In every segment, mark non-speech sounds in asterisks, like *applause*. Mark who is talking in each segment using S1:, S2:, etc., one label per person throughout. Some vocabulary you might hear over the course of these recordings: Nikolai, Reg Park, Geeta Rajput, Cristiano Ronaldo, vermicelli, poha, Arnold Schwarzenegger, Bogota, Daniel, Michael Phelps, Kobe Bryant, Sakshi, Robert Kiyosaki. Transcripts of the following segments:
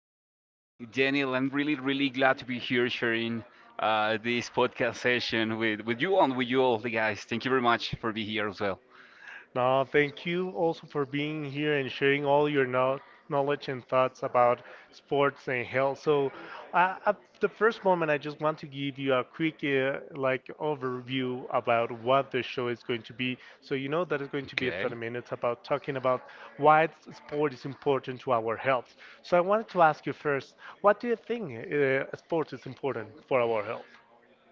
S1: you today?
S2: Daniel, I'm really, really glad to be here sharing this podcast session with you and with you all the guys. Thank you very much for being here as well.
S1: Now, thank you also for being here and sharing all your knowledge and thoughts about sports and health. So, at the first moment, I just want to give you a quick like overview about what the show is going to be. So, you know that it's going to be
S2: Okay.
S1: 30 minutes about talking about why sport is important to our health. So, I wanted to ask you first, what do you think sport is important for our health?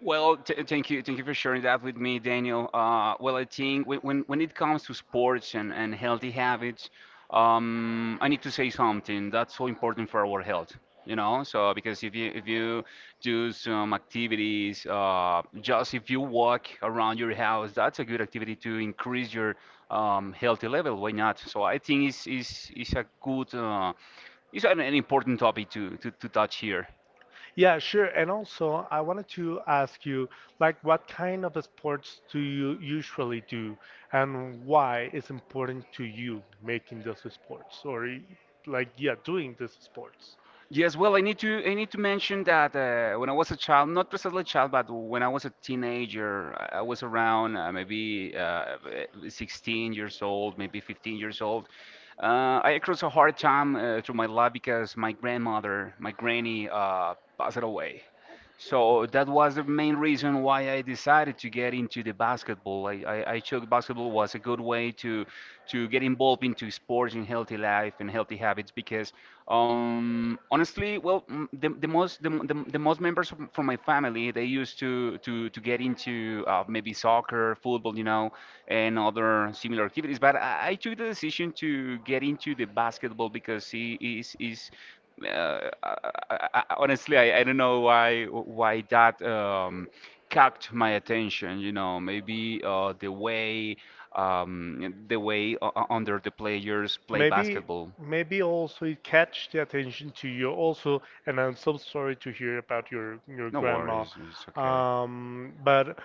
S2: Well, thank you for sharing that with me, Daniel. Well, I think when it comes to sports and healthy habits, I need to say something that's so important for our health. You know, so because if you do some activities, just if you walk around your house, that's a good activity to increase your healthy level. Why not? So I think it's is a good. It's an important topic to touch here.
S1: Yeah, sure. And also, I wanted to ask you, like, what kind of sports do you usually do, and why it's important to you making those sports, or like, yeah, doing these sports?
S2: Yes, well, I need to mention that when I was a child, not precisely a child, but when I was a teenager, I was around maybe 16 years old, maybe 15 years old. I crossed a hard time through my life because my grandmother, my granny, passed away. So that was the main reason why I decided to get into the basketball. I chose basketball was a good way to get involved into sports and healthy life and healthy habits because honestly, well, the most members from my family they used to get into maybe soccer, football, you know, and other similar activities. But I took the decision to get into the basketball because it is uh, I, I, honestly, I don't know why that caught my attention. You know, maybe the way the way under the players play
S1: Maybe,
S2: basketball.
S1: maybe also it catch the attention to you also, and I'm so sorry to hear about your
S2: No
S1: grandma.
S2: worries, it's okay.
S1: But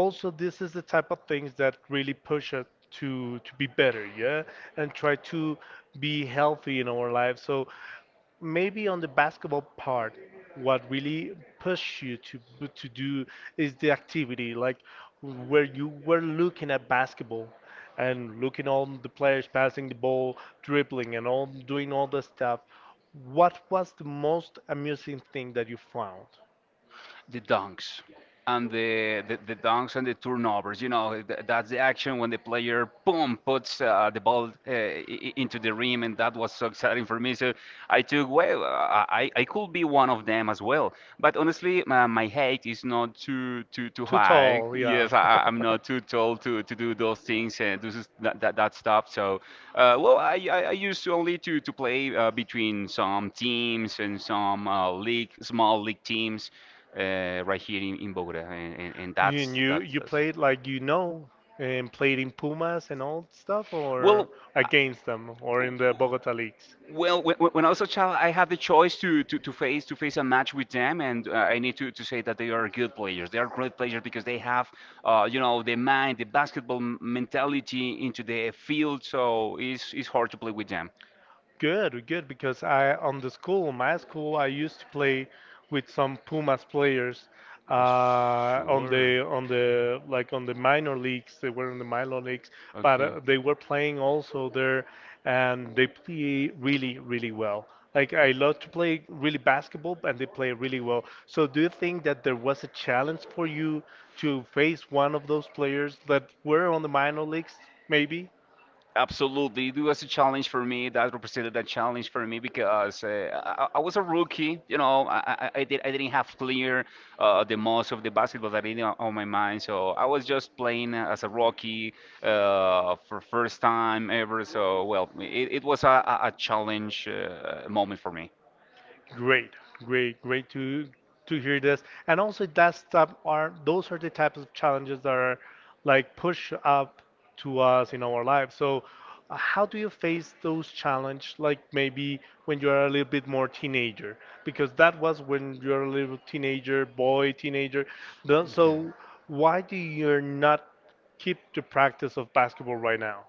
S1: also this is the type of things that really push us to be better, yeah, and try to be healthy in our lives. So maybe on the basketball part what really pushed you to to do is the activity, like where you were looking at basketball and looking on the players passing the ball, dribbling and all, doing all the stuff. What was the most amusing thing that you found?
S2: The dunks and the dunks and the turnovers. You know, th- that's the action when the player, boom, puts the ball into the rim, and that was so exciting for me. So I took, well, I could be one of them as well. But honestly, my height is not too
S1: Too
S2: high.
S1: tall, yeah.
S2: Yes, I'm not too tall to do those things and this is that stuff. So,
S1: *laughs*
S2: well, I used only to play between some teams and some league, small league teams right here in Bogota, and, and, and And
S1: You,
S2: that's
S1: and
S2: And
S1: you
S2: that's
S1: you
S2: that's.
S1: played, like, you know, and played in Pumas and all stuff, or
S2: Well,
S1: against them or in the Bogota leagues?
S2: well, when I was a child, I had the choice to face a match with them, and I need to say that they are good players. They are great players because they have, you know, the mind, the basketball mentality into the field. So it's hard to play with them.
S1: Good, good, because I, on the school, my school, I used to play with some Pumas players
S2: Uh,
S1: on
S2: sure.
S1: the, on the on the minor leagues. They were in the minor leagues, but
S2: Okay.
S1: they were playing also there, and they play really, really well. Like, I love to play really basketball, and they play really well. So do you think that there was a challenge for you to face one of those players that were on the minor leagues, maybe?
S2: Absolutely, it was a challenge for me. That represented a challenge for me because I was a rookie. You know, I didn't have clear the most of the basketball that in on my mind. So I was just playing as a rookie for first time ever. So well, it was a challenge moment for me.
S1: Great, great, great to hear this. And also, that's type, are, those are the types of challenges that are like push up to us in our lives. So, how do you face those challenge? Like maybe when you are a little bit more teenager, because that was when you're a little teenager, boy, teenager. The-
S2: Okay.
S1: So, why do you not keep the practice of basketball right now?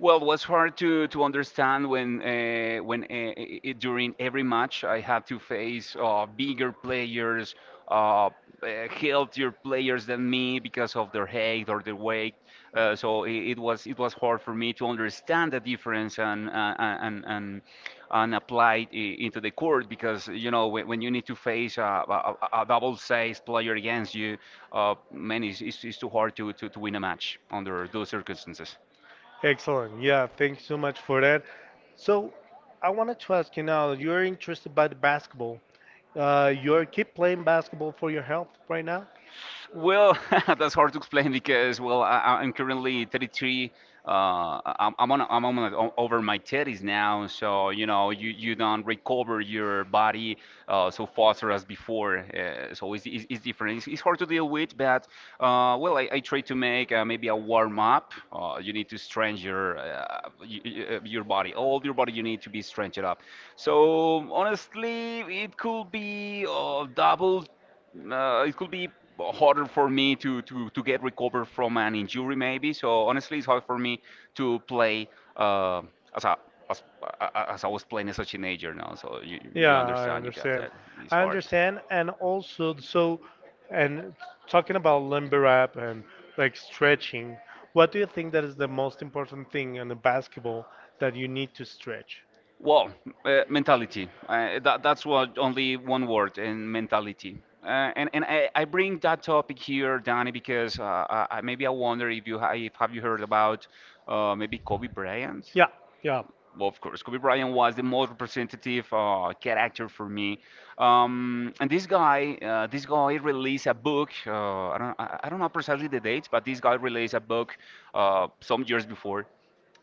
S2: Well, it was hard to understand when when during every match I had to face bigger players, uh, uh, healthier players than me because of their height or their weight. So it was hard for me to understand the difference and and apply it into the court because you know when you need to face a double-sized player against you, man, it's too hard to win a match under those circumstances.
S1: Excellent. Yeah, thanks so much for that. So, I wanted to ask you now, you're interested by the basketball. You're keep playing basketball for your health right now?
S2: Well, *laughs* that's hard to explain because, well, I'm currently 33. I'm on over my 30s now, so you know, you don't recover your body so fast as before. So it's different. It's hard to deal with, but well, I try to make maybe a warm up. You need to stretch your your body, all your body. You need to be stretched up. So honestly, it could be double. It could be harder for me to get recovered from an injury maybe. So honestly, it's hard for me to play uh, as a as I was playing as a teenager now. So you
S1: Yeah, I
S2: understand, you got
S1: understand.
S2: that. Exactly. It's
S1: I
S2: hard.
S1: understand, and also so, and talking about limber up and like stretching, what do you think that is the most important thing in the basketball that you need to stretch?
S2: Well, mentality. That's what only one word in mentality. Uh, I bring that topic here, Danny, because maybe I wonder if you if have you heard about maybe Kobe Bryant?
S1: Yeah, yeah.
S2: Well, of course, Kobe Bryant was the most representative character for me. And This guy, this guy released a book. I don't know precisely the dates, but this guy released a book some years before.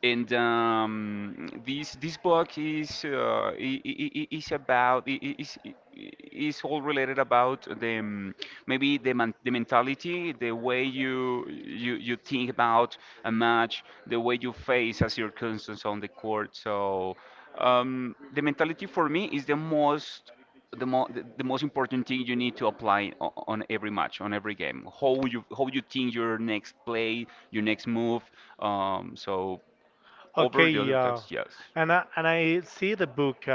S2: And this this book is about is all related about the maybe the mentality, the way you, you think about a match, the way you face as your constants on the court. So um, the mentality for me is the most the, mo- the most important thing you need to apply on every match, on every game. How you think your next play, your next move. So over
S1: Okay,
S2: the other
S1: yeah.
S2: types, yes.
S1: And I, see the book. Uh,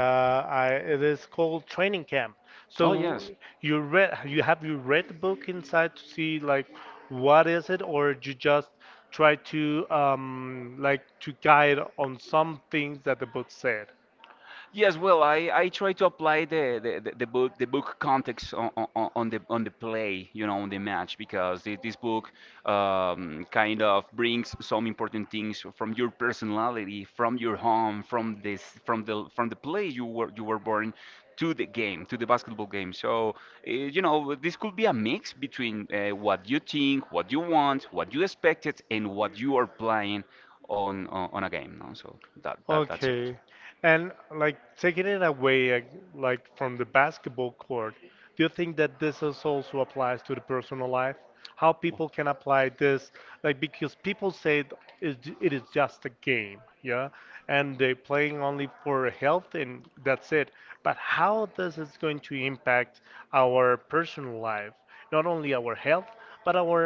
S1: I, It is called Training Camp.
S2: Oh
S1: So
S2: yes.
S1: you read, you have, you read the book inside to see like what is it, or you just try to like to guide on some things that the book said?
S2: Yes, well, I try to apply the book context on the play, you know, on the match because this book kind of brings some important things from your personality, from your home, from the play you were born to the game, to the basketball game. So, you know, this could be a mix between what you think, what you want, what you expected, and what you are playing on a game. No? So that that's it.
S1: Okay. And like taking it away like from the basketball court, do you think that this is also applies to the personal life? How people can apply this, like because people say it is it is just a game, yeah, and they're playing only for health and that's it. But how this is going to impact our personal life, not only our health, but our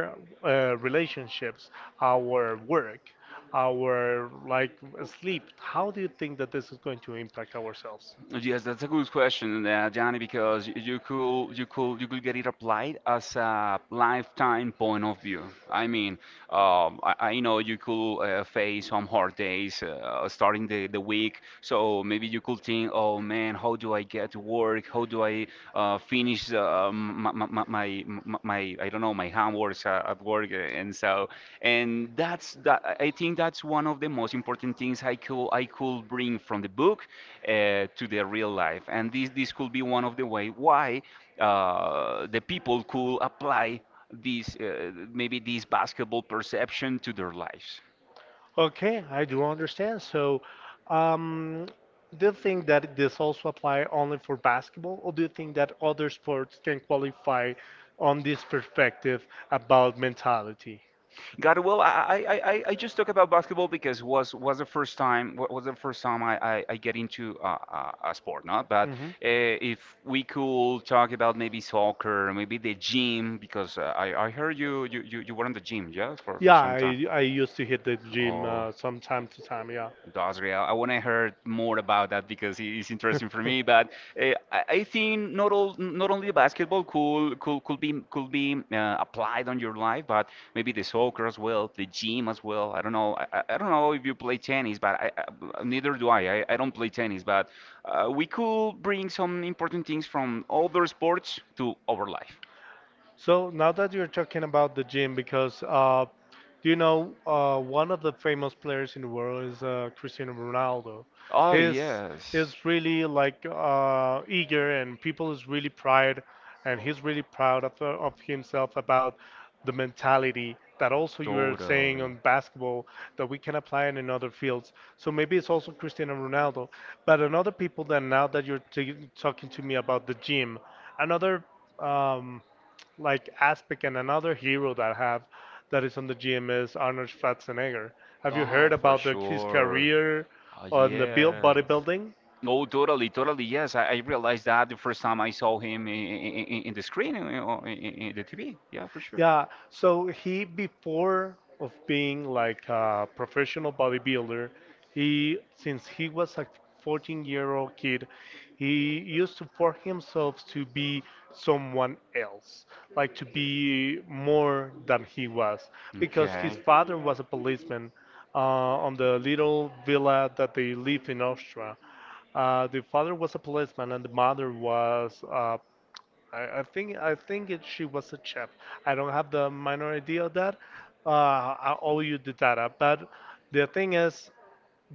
S1: relationships, our work, our like sleep. How do you think that this is going to impact ourselves?
S2: Yes, that's a good question, Gianni, because you could get it applied as a lifetime point of view. I mean, I know you could face some hard days starting the week, so maybe you could think, oh man, how do I get to work? How do I finish my, my, my my my I don't know my homeworks at work, and so and that's that. I think that's one of the most important things I could bring from the book to the real life, and this could be one of the way why the people could apply these maybe this basketball perception to their lives.
S1: Okay, I do understand. So, um, do you think that this also apply only for basketball, or do you think that other sports can qualify on this perspective about mentality?
S2: Got it. Well, just talk about basketball because was the first time was the first time I get into a sport, no? But if we could talk about maybe soccer, maybe
S1: Mhm.
S2: the gym, because I heard you were in the gym, yeah, for
S1: Yeah,
S2: some time.
S1: I used to hit the gym
S2: Oh.
S1: some time to time. Yeah.
S2: That's great. I want to hear more about that because it is interesting for me. But I think not all, not only basketball could be applied on your life, but maybe the soccer as well, the gym as well. I don't know. I don't know if you play tennis, but I neither do I don't play tennis, but we could bring some important things from other sports to our life.
S1: So now that you're talking about the gym, because do you know one of the famous players in the world is Cristiano Ronaldo.
S2: Oh,
S1: He's
S2: yes.
S1: he's really like eager, and people is really proud, and he's really proud of himself about the mentality that also you are saying
S2: Totally.
S1: on basketball, that we can apply it in other fields. So maybe it's also Cristiano Ronaldo, but another people that, now that you're t talking to me about the gym, another. um, like Aspic, and another hero that I have that is on the GMS, Arnold Schwarzenegger. Have you
S2: Oh,
S1: heard
S2: for
S1: about the, his
S2: sure.
S1: career
S2: Oh,
S1: on the build
S2: yes.
S1: bodybuilding?
S2: Oh, totally, totally. Yes, I realized that the first time I saw him in the screen in the TV. Yeah, for sure.
S1: Yeah, so he, before of being like a professional bodybuilder, he, since he was a 14-year-old kid, he used to force himself to be someone else, like to be more than he was, because his
S2: Okay.
S1: father was a policeman uh, on the little villa that they live in Austria. The father was a policeman and the mother was a. I think it, she was a chef. I don't have the minor idea of that. Uh, I owe you the data, but the thing is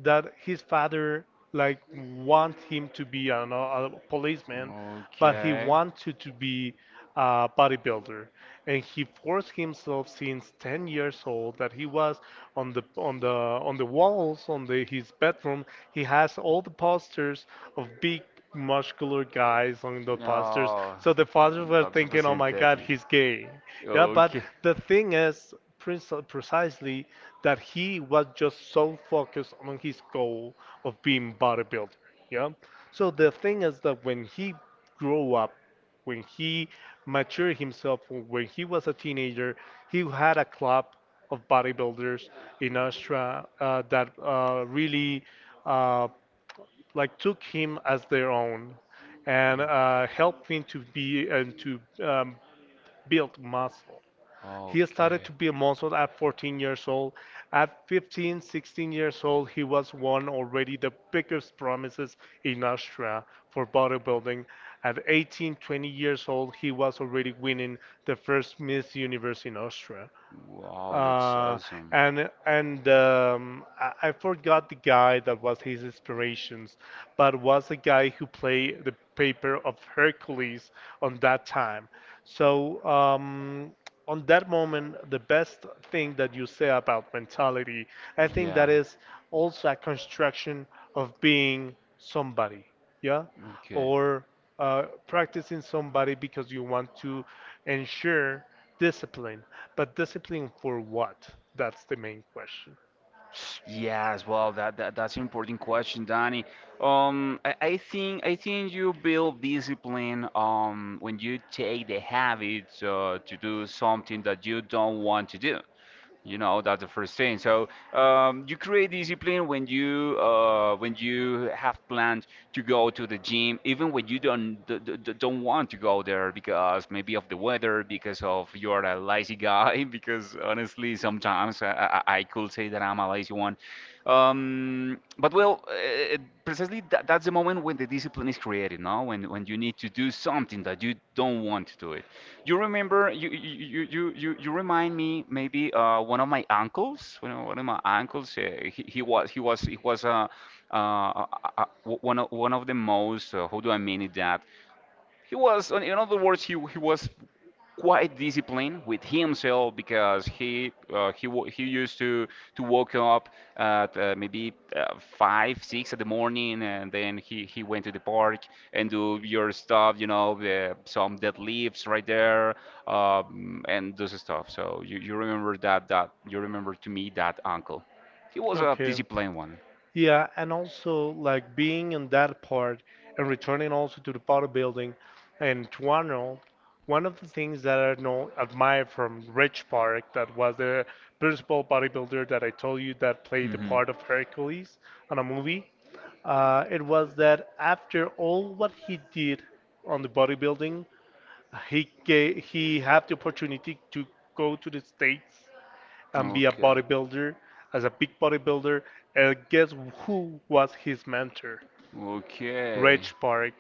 S1: that his father like want him to be, I don't know, a policeman, but he wanted to be a bodybuilder, and he forced himself since 10 years old, that he was on the on the on the walls on the his bedroom. He has all the posters of big muscular guys on the posters. So the fathers were thinking, "Oh my God, he's gay." Yeah, but
S2: Yeah.
S1: the thing is, precisely that he was just so focused on his goal of being bodybuilder. Yeah. So the thing is that when he grew up, when he matured himself, when he was a teenager, he had a club of bodybuilders in Austria that really. Uh, like took him as their own and helped him to be and to build muscle.
S2: Oh,
S1: He started to be a muscle at 14 years old. At 15, 16 years old, he was one already the biggest promises in Austria for bodybuilding. At 18, 20 years old, he was already winning the first Miss Universe in Austria.
S2: wow,
S1: Uh,
S2: awesome.
S1: and I forgot the guy that was his inspirations, but was a guy who played the paper of Hercules on that time. So on that moment, the best thing that you say about mentality, I think that
S2: Yeah.
S1: is also a construction of being somebody, yeah,
S2: Okay.
S1: or practicing somebody because you want to ensure discipline. But discipline for what? That's the main question.
S2: Yes, well, that's an important question, Danny. I think you build discipline when you take the habit to do something that you don't want to do. You know, that's the first thing. So you create discipline when you have planned to go to the gym, even when you don't d- d- d- don't want to go there because maybe of the weather, because of you're a lazy guy. *laughs* Because honestly, sometimes I could say that I'm a lazy one. Um, but well, uh, uh, Precisely that's the moment when the discipline is created. Now, when you need to do something that you don't want to do it. You remember, you remind me maybe one of my uncles, one of my uncles. He was he was he was one of the most how do I mean it that he was, in other words, he was quite disciplined with himself because he used to wake up at maybe five six in the morning, and then he went to the park and do your stuff, you know, some deadlifts right there, and those stuff. So you remember that that you remember to me that uncle. He was a
S1: Okay.
S2: disciplined one.
S1: Yeah, and also like being in that part and returning also to the bodybuilding and to Arnold, one of the things that I know admire from Rich Park, that was the principal bodybuilder that I told you that played the part of Hercules on a movie, it was that after all what he did on the bodybuilding, he gave, he had the opportunity to go to the States and be a
S2: Be
S1: bodybuilder, as a big bodybuilder. And guess who was his mentor?
S2: mentor? Okay.
S1: Reg Park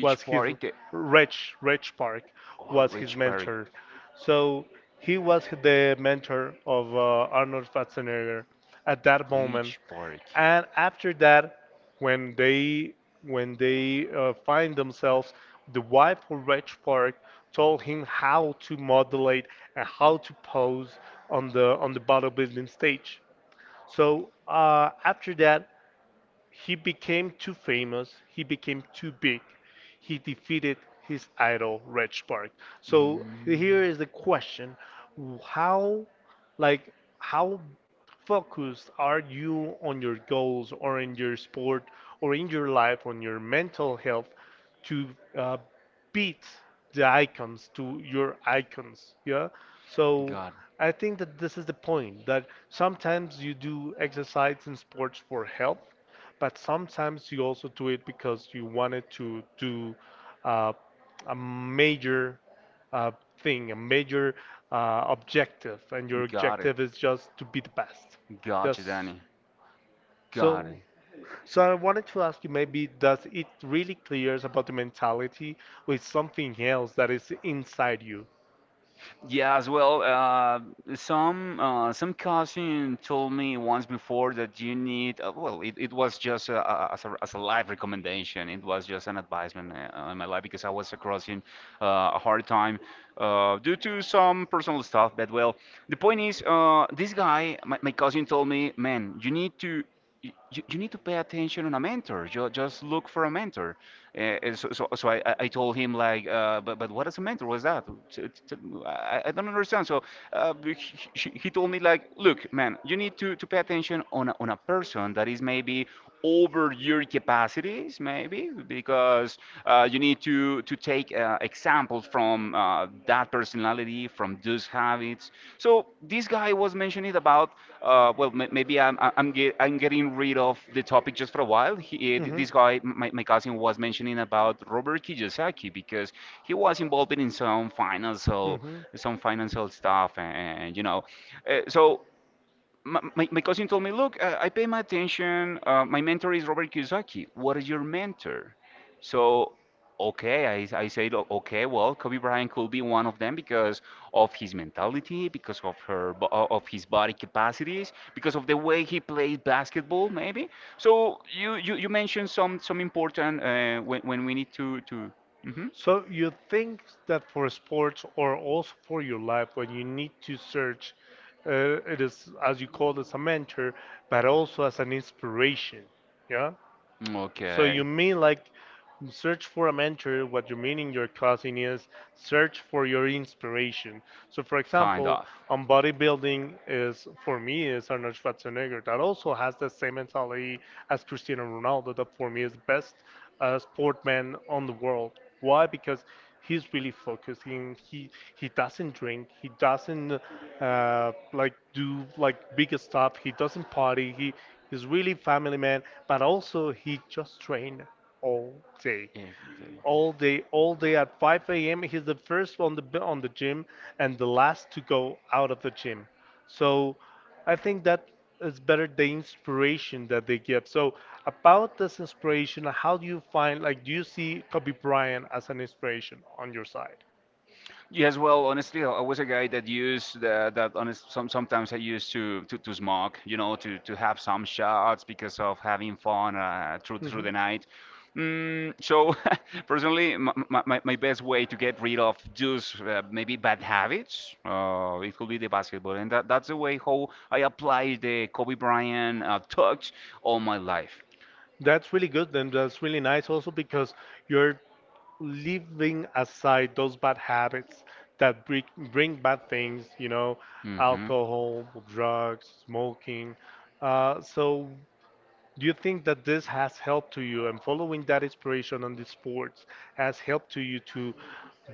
S1: was his,
S2: Park. The
S1: Rich Park was his mentor. So he was the mentor of Arnold Schwarzenegger at that moment.
S2: part?
S1: And after that, when they, find themselves, the wife of Rich Park told him how to modulate and how to pose on the bodybuilding stage. So after that, he became too famous, he became too big, he defeated his idol, Red Spark. So here is the question, how like, how focused are you on your goals or in your sport or in your life, on your mental health to uh, beat the icons, to your icons? Yeah. So
S2: Got,
S1: I think that this is the point that sometimes you do exercise and sports for health, but sometimes you also do it because you wanted to do uh, a major uh, thing, a major objective, and your objective is just to be the best. Yes.
S2: so it.
S1: So, so I wanted to ask you, maybe does it really clears about the mentality with something else that is inside you?
S2: Yeah, as well. Some cousin told me once before that you need. It it was just as a life recommendation. It was just an advisement in my life because I was crossing a hard time due to some personal stuff. But well, the point is, this guy, my cousin, told me, "Man, you need to you need to pay attention on a mentor. Just look for a mentor." So I told him like, "But what is a mentor? What is that? I don't understand." So uh, he, he told me like, "Look, man, you need to pay attention on a person that is maybe over your capacities, maybe because you need to take examples from that personality, from those habits." So this guy was mentioning about, maybe I'm, I am get, I'm getting rid of the topic just for a while. This guy, my cousin, was mentioning about Robert Kiyosaki because he was involved in
S1: Mhm.
S2: some financial stuff, and you know, so my cousin told me, "Look, I pay my attention. My mentor is Robert Kiyosaki. What is your mentor?" So, okay, I said, Okay, well, Kobe Bryant could be one of them because of his mentality, because of her, of his body capacities, because of the way he played basketball, maybe." So you mentioned some important when we need to Mhm.
S1: So you think that for sports or also for your life, when you need to search, it is as you call it a mentor, but also as an inspiration. Yeah. So, okay,
S2: Okay.
S1: you mean like search for a mentor? What you mean in your cousin is search for your inspiration. So for example, on bodybuilding is, for me is Arnold Schwarzenegger, that also has the same mentality as Cristiano Ronaldo, that for me is best sportman on the world. Why? Because he's really focusing. He doesn't drink. He doesn't like do like big stuff. He doesn't party. He's really family man. But also he just train all day
S2: Every.
S1: all day at 5 a.m. He's the first on the on the gym and the last to go out of the gym. So I think that is better the inspiration that they give. So about this inspiration, how do you find, like, do you see Kobe Bryant as an inspiration on your side?
S2: Yes, well, honestly, I was a guy that used the, that. Honest, sometimes I used to, to smoke, you know, to have some shots because of having fun through
S1: Mhm.
S2: the night. Mm, so, *laughs* personally, my best way to get rid of those maybe bad habits, it could be the basketball, and that's the way how I apply the Kobe Bryant touch all my life.
S1: That's really good, and that's really nice also because you're leaving aside those bad habits that bring bad things, you know,
S2: Mhm.
S1: alcohol, drugs, smoking. So do you think that this has helped to you, and following that inspiration on the sports has helped to you to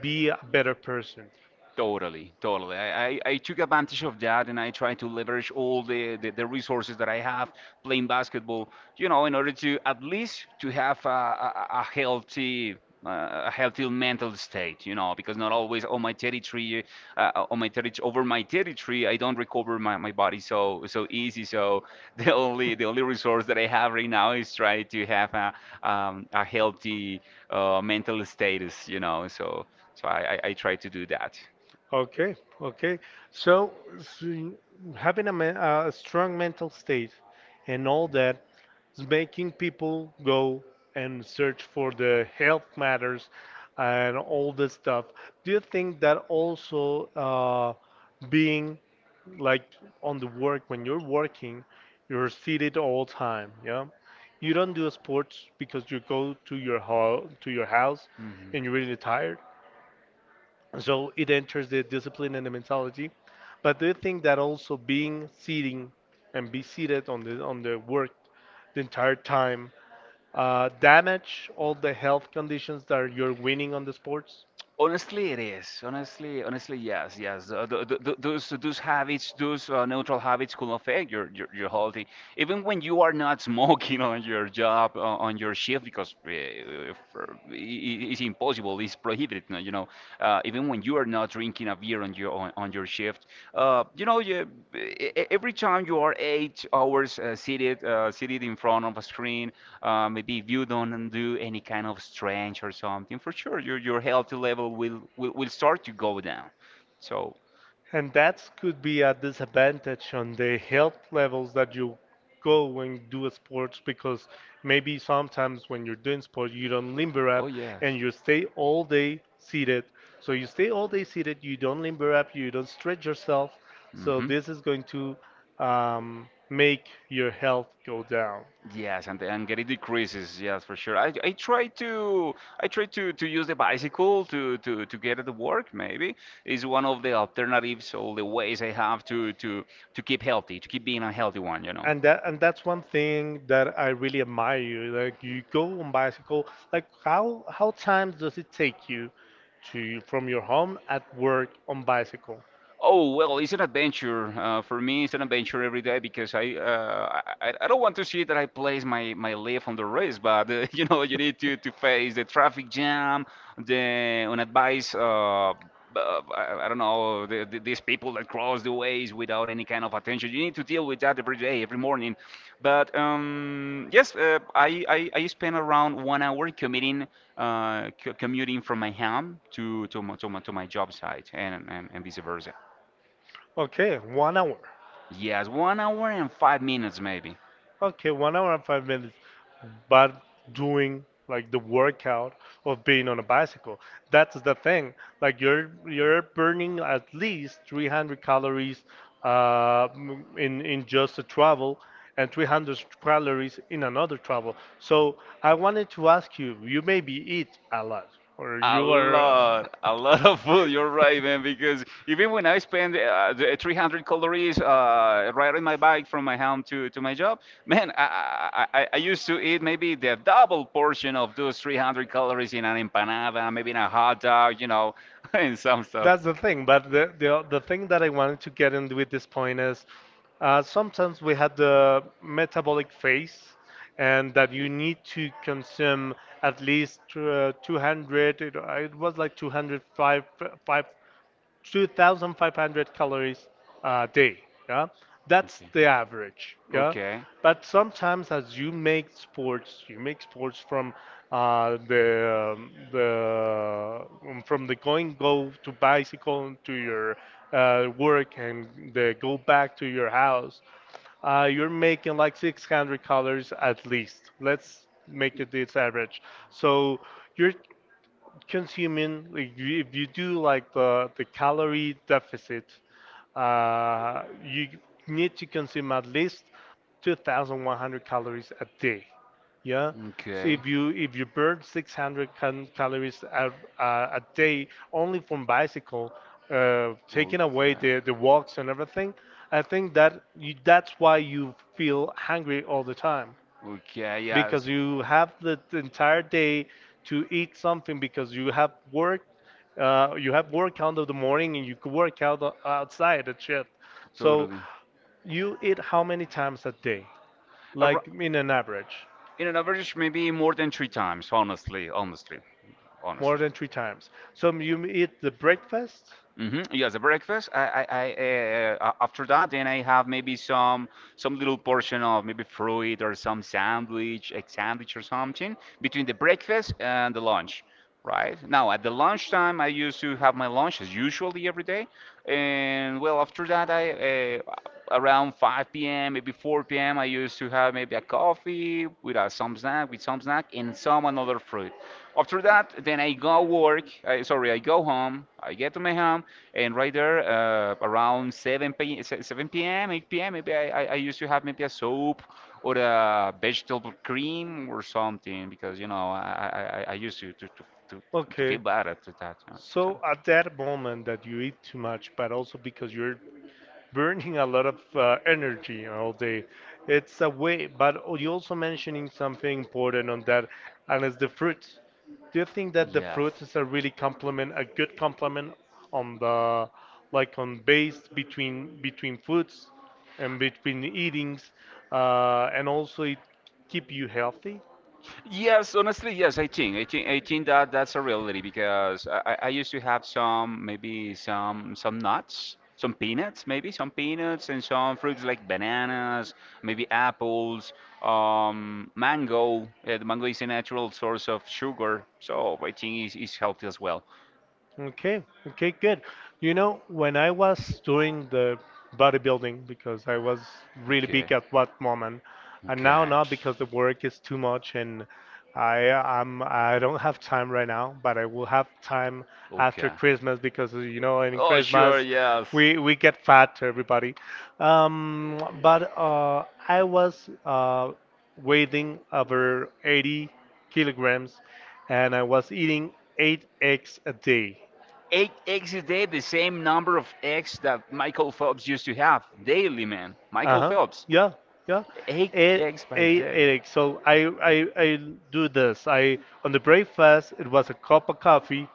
S1: be a better person?
S2: Totally, totally. I took advantage of that, and I tried to leverage all the resources that I have playing basketball, you know, in order to at least to have a healthy mental state, you know, because not always on my territory, over my territory, I don't recover my body so easy. So *laughs* the only resource that I have right now is try to have a healthy mental status, you know. So I try to do that.
S1: Okay, okay. So, so having a, men- a strong mental state and all that is making people go and search for the health matters and all this stuff. Do you think that also being like on the work, when you're working, you're seated all time, yeah? You don't do sports because you go to your ho to your house and you're really tired. So it enters the discipline and the mentality. But do you think that also being sitting and be seated on the work the entire time damage all the health conditions that you're winning on the sports?
S2: Honestly, it is. Honestly, honestly, yes, yes. Th th th Those habits, those neutral habits could affect your healthy. Even when you are not *laughs* smoking on your job, on your shift, because it's impossible, it's prohibited. No, you know, even when you are not drinking a beer on on your shift. You know, every time you are 8 hours seated in front of a screen, maybe if you don't do any kind of stretch or something, for sure your health level will start to go down. So,
S1: And that could be a disadvantage on the health levels that you go when do sports, because maybe sometimes when you're doing sport you don't limber
S2: oh
S1: up
S2: yes.
S1: and you stay all day seated. So you stay all day seated, you don't limber up, you don't stretch yourself. So
S2: Mhm.
S1: this is going to make your health go down.
S2: Yes, and get it decreases. Yes, for sure. I try to to use the bicycle to get to work. Maybe is one of the alternatives or the ways I have to keep healthy, to keep being a healthy one. You know.
S1: And that, and that's one thing that I really admire you. Like, you go on bicycle. Like, how time does it take you to from your home at work on bicycle?
S2: Oh well, it's an adventure. For me, it's an adventure every day because I don't want to see that I place my my life on the risk, but *laughs* you know you need to face the traffic jam, the unadvised. I don't know these people that cross the ways without any kind of attention. You need to deal with that every day, every morning. But yes, I spend around 1 hour commuting, commuting from my home to to my job site, and vice versa.
S1: Okay, 1 hour.
S2: Yes, 1 hour and 5 minutes maybe.
S1: Okay, 1 hour and 5 minutes, but doing like the workout of being on a bicycle. That's the thing. Like, you're burning at least 300 calories in just a travel, and 300 calories in another travel. So I wanted to ask you, you maybe eat a lot, or you are.
S2: A lot of food. You're right, man. Because even when I spend the 300 calories riding my bike from my home to my job, man, I used to eat maybe the double portion of those 300 calories in
S1: Uh,
S2: an empanada, maybe in a hot dog, you know, *laughs* and some
S1: *laughs*
S2: stuff.
S1: That's the thing, but the thing that I wanted to get in with this point is, sometimes we have the metabolic phase, and that you need to consume at least 200. It, it was like 205, five, 2,500 calories a day. Yeah, that's the average. Yeah, but sometimes as you make sports from the from the going go to bicycle to your work and the go back to your house. You're making like 600 calories at least. Let's make it this average. So you're consuming like, you- if you do like the calorie deficit, you need to consume at least 2,100 calories a day, yeah, so
S2: Okay.
S1: if you burn 600 cal- calories a day only from bicycle, taking away the walks and everything. I think that you, that's why you feel hungry all the time,
S2: Okay,
S1: because
S2: yes,
S1: you have the t- entire day to eat something, because you have work, you have work out of the morning, and you could work out o- outside at shift. So
S2: totally.
S1: you eat how many times a day,
S2: Ar-
S1: like in an average?
S2: in an average, maybe more than three times. Honestly, honestly, more
S1: More
S2: honestly.
S1: than three times, so you eat the breakfast?
S2: Hmm. Yes, the breakfast. After that, then I have maybe some little portion of maybe fruit or some sandwich, egg sandwich or something between the breakfast and the lunch, right? Now at the lunchtime, I used to have my lunch as usually every day, and well after that, I around 5 p.m., maybe 4 p.m., I used to have maybe a coffee with some snack, with some snack, and some another fruit. After that, then I go work. I, sorry, I go home. I get to my home, and right there, around 7 p.m., 7 p.m., 8 p.m., maybe I used to have maybe a soup or a vegetable cream or something because you know I used to to, to
S1: Okay,
S2: feel bad at that. You know.
S1: so at that moment that you eat too much, but also because you're burning a lot of energy all day. It's a way, but you also mentioning something important on that, and it's the fruits. Do you think that the fruits is a really complement, a good complement on the, like on base between between foods and between eatings, and also it keep you healthy?
S2: Yes, honestly, yes, I think that that's a reality because I used to have some, maybe some nuts, some peanuts, maybe some peanuts and some fruits like bananas, maybe apples, mango. The mango is a natural source of sugar, so I think it's healthy as well.
S1: Okay, okay, good. You know, when I was doing the bodybuilding, because I was really
S2: Okay.
S1: big at one moment, and now
S2: Okay.
S1: not, because the work is too much, and I I'm I don't have time right now, but I will have time
S2: Okay.
S1: after Christmas, because you know, in
S2: Oh,
S1: Christmas
S2: sure, yes.
S1: we get fat, everybody. But I was weighing over 80 kilograms, and I was eating eight eggs a day.
S2: Eight eggs a day, the same number of eggs that Michael Phelps used to have daily, man. Michael
S1: Uh-huh.
S2: Phelps,
S1: Yeah. Yeah.
S2: eight
S1: Eight
S2: eggs by
S1: eggs.
S2: day.
S1: So I do this. I on the breakfast it was a cup of coffee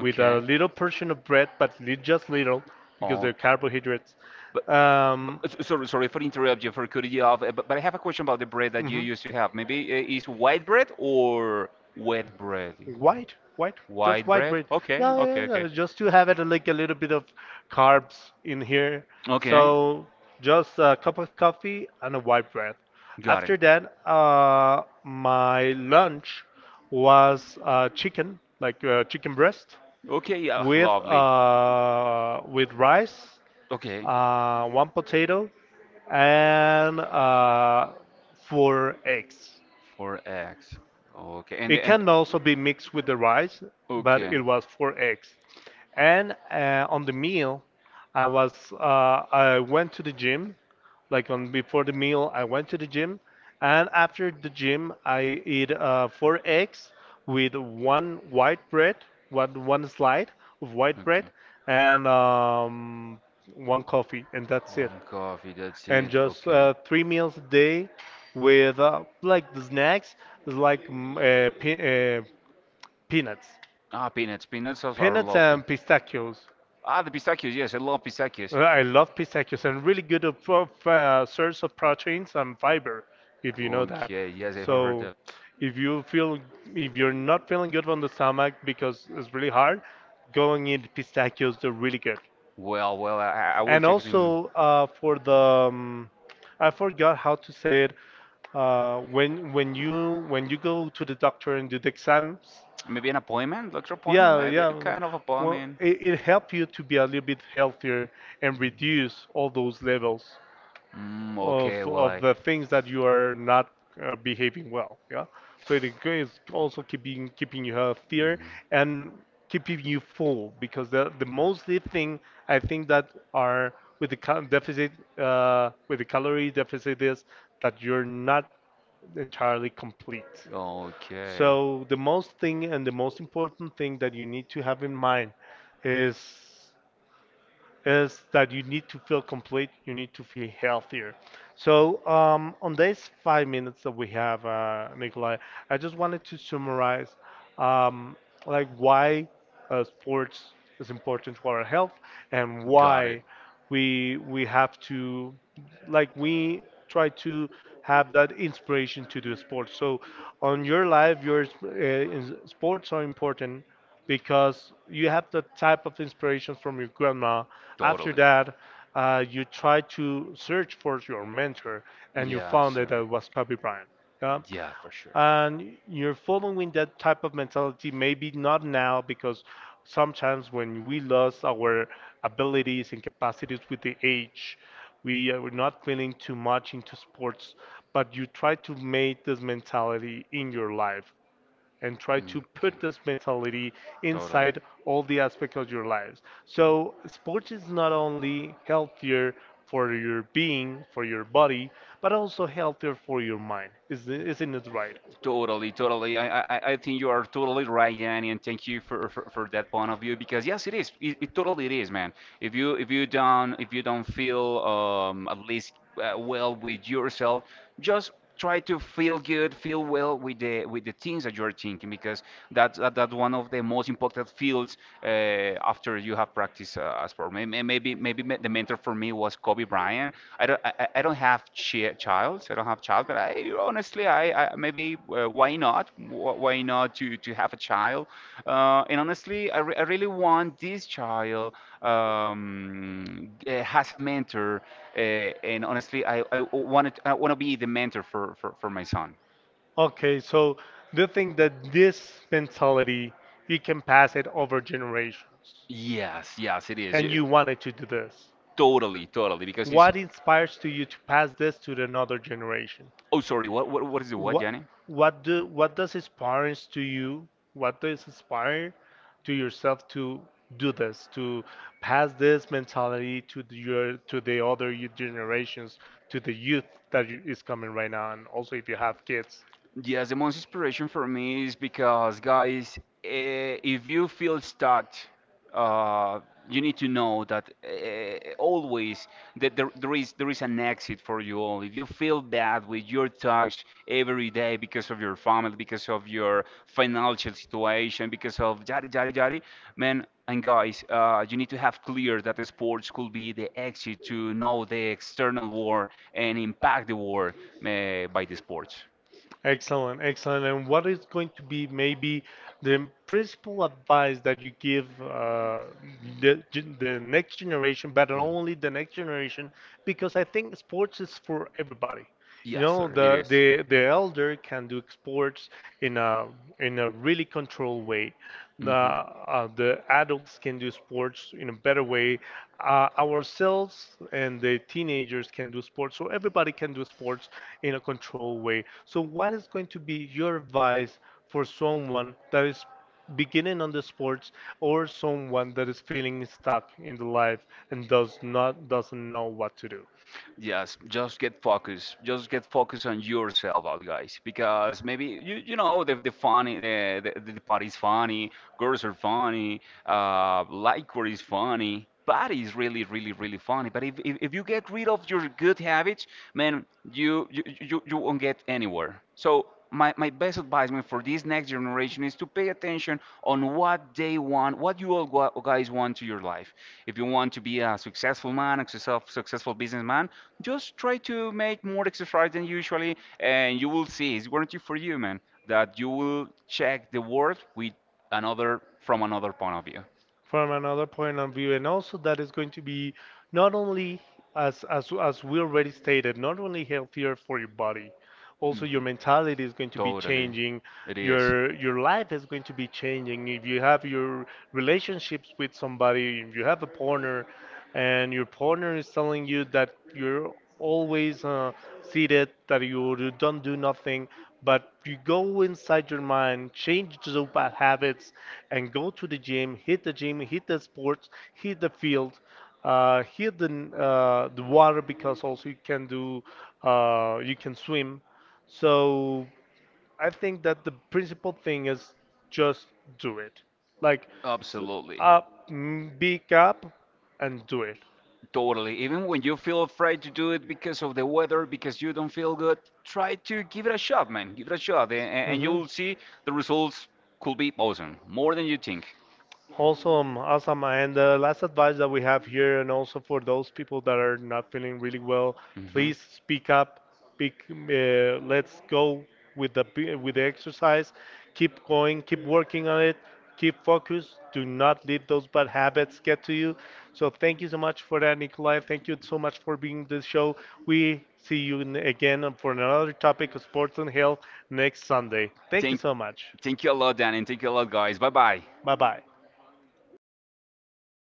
S1: with a little portion of bread, but li- just little because
S2: Oh,
S1: they're carbohydrates.
S2: but,
S1: But
S2: sorry, sorry for interrupt you, for cutting you off. But I have a question about the bread that you
S1: mhm.
S2: used to have. Maybe is white bread or wet bread?
S1: White, white, just
S2: White.
S1: white bread? Bread. Okay.
S2: Okay,
S1: No,
S2: yeah,
S1: no,
S2: okay,
S1: no, no, just to
S2: yeah.
S1: have it like a little bit of carbs in here. Okay. So just a cup of coffee and a white bread. Okay.
S2: Got.
S1: After that, my lunch was chicken, like chicken breast. Okay,
S2: Okay.
S1: yeah. With wow. With rice,
S2: Okay,
S1: okay. One potato, and four eggs.
S2: four eggs. Okay, and.
S1: It can also be mixed with the rice, but it was four eggs. And on the meal, I was I went to the gym, like on before the meal, I went to the gym, and after the gym, I eat four eggs with one white bread, one slide of white bread, and one coffee, and that's it.
S2: One coffee, that's
S1: And
S2: it.
S1: just
S2: Okay.
S1: three meals a day with like the snacks is like peanuts.
S2: Ah, peanuts. Peanuts also are
S1: Peanuts
S2: lovely.
S1: and pistachios.
S2: Ah, the pistachios. Yes, I love pistachios.
S1: I love pistachios, and really good of, source of proteins and fiber, if you know that.
S2: Okay, yes, I have
S1: So
S2: heard that.
S1: if you feel, if you're not feeling good on the stomach because it's really hard, go and eat pistachios, they're really good.
S2: Well, well, I will
S1: And
S2: check it in.
S1: also for the um, I forgot how to say it. When when you go to the doctor and do the exams,
S2: Maybe an appointment, doctor appointment,
S1: yeah,
S2: maybe
S1: yeah.
S2: kind of
S1: Well,
S2: appointment.
S1: it helps you to be a little bit healthier and reduce all those levels
S2: Mm, of, okay, well,
S1: of
S2: I.
S1: the things that you are not behaving well. Yeah. So it is also keeping you healthier, and keeping you full, because the mostly thing I think that are with the cal deficit, with the calorie deficit, is that you're not entirely complete.
S2: Okay.
S1: So the most thing and the most important thing that you need to have in mind is is that you need to feel complete, you need to feel healthier. So, on these 5 minutes that we have, Nikolai, I just wanted to summarize um, like why sports is important to our health, and why we have to, like, we try to have that inspiration to do sports. So, on your life, your sports are important because you have the type of inspiration from your grandma. After that, you try to search for your mentor, and you found that it was Kobe Bryant. Yeah?
S2: Yeah, for sure.
S1: And you're following that type of mentality, maybe not now, because sometimes when we lose our abilities and capacities with the age we are not feeling too much into sports, but you try to make this mentality in your life, and try to
S2: Mm,
S1: put this mentality
S2: totally.
S1: inside all the
S2: Inside.
S1: aspects of your lives. So, sports is not only healthier for your being, for your body, but also healthier for your mind. Is- Isn't it right?
S2: Right? Totally, totally. I think you are totally right, Danny, and thank you for that point of view because yes, it is. It totally it is, man. If you if you don't feel at least well with yourself, just try to feel good, feel well with the things that you are thinking because that one of the most important fields uh, after you have practiced a sport. The mentor for me was Kobe Bryant. I don't have child. I don't have child, but I honestly I maybe why not? Why not to have a child? And honestly, I really want this child has a mentor, uh, and honestly, I want to be the mentor for my son.
S1: Okay, so the thing that this mentality you can pass it over generations,
S2: Yes, yes, it is.
S1: and
S2: You.
S1: you wanted to do this?
S2: Totally, totally, because he's.
S1: What inspires to you to pass this to the another generation?
S2: Oh, sorry. What is the what,
S1: what
S2: Jenny?
S1: what do what does inspires to you, what does inspire to yourself to do this, to pass this mentality to the, your to the other youth generations, to the youth that you- is coming right now, and also if you have kids.
S2: Yes, the most inspiration for me is because, guys, eh, if you feel stuck, uh, you need to know that always that there is an exit for you all. If you feel bad with your touch every day because of your family, because of your financial situation, because of yari yari yari, man and guys, you need to have clear that the sports could be the exit to know the external war and impact the war by the sports.
S1: Excellent, excellent. And what is going to be maybe the principal advice that you give, the, gen- the next generation, but not only the next generation, because I think sports is for everybody. You know, the elder can do exports in a, in a really controlled way. The adults can do sports in a better way. Ourselves and the teenagers can do sports, so everybody can do sports in a controlled way. So, what is going to be your advice for someone that is beginning on the sports, or someone that is feeling stuck in the life and does not doesn't know what to do?
S2: Yes, just get focused. Just get focused on yourself, out guys, because maybe you know the party's funny, girls are funny, liquor is funny, party is really really really funny. But if you get rid of your good habits, man, you won't get anywhere. So my best advisement for this next generation is to pay attention on what they want, what you all guys want to your life. If you want to be a successful man, a successful, successful businessman, just try to make more exercise than usually, and you will see, it's guaranteed for you, man, that you will check the world with another from another point of view.
S1: From another point of view, and also that is going to be not only, as we already stated, not only healthier for your body, also your
S2: Mm.
S1: mentality is going to be
S2: Totally.
S1: changing,
S2: It is.
S1: your life is going to be changing. If you have your relationships with somebody, if you have a partner, and your partner is telling you that you're always seated, that you don't do nothing, but you go inside your mind, change those bad habits, and go to the gym, hit the gym, hit the sports, hit the field, hit the water, because also you can do, you can swim. So I think that the principal thing is just do it. Like,
S2: Absolutely.
S1: big up, and do it.
S2: Totally. Even when you feel afraid to do it because of the weather, because you don't feel good, try to give it a shot, man. Give it a shot, and
S1: Mhm.
S2: you'll see the results could be awesome, more than you think.
S1: Awesome, awesome. And the last advice that we have here, and also for those people that are not feeling really well,
S2: Mhm.
S1: please speak up. Speak, let's go with the p- with the exercise. Keep going. Keep working on it. Keep focused. Do not let those bad habits get to you. So thank you so much for that, Nikolai. Thank you so much for being this show. We see you n- again for another topic of sports and health next Sunday. Thank you so much.
S2: You a lot, Dan, and thank you a lot, guys. Bye bye.
S1: Bye bye.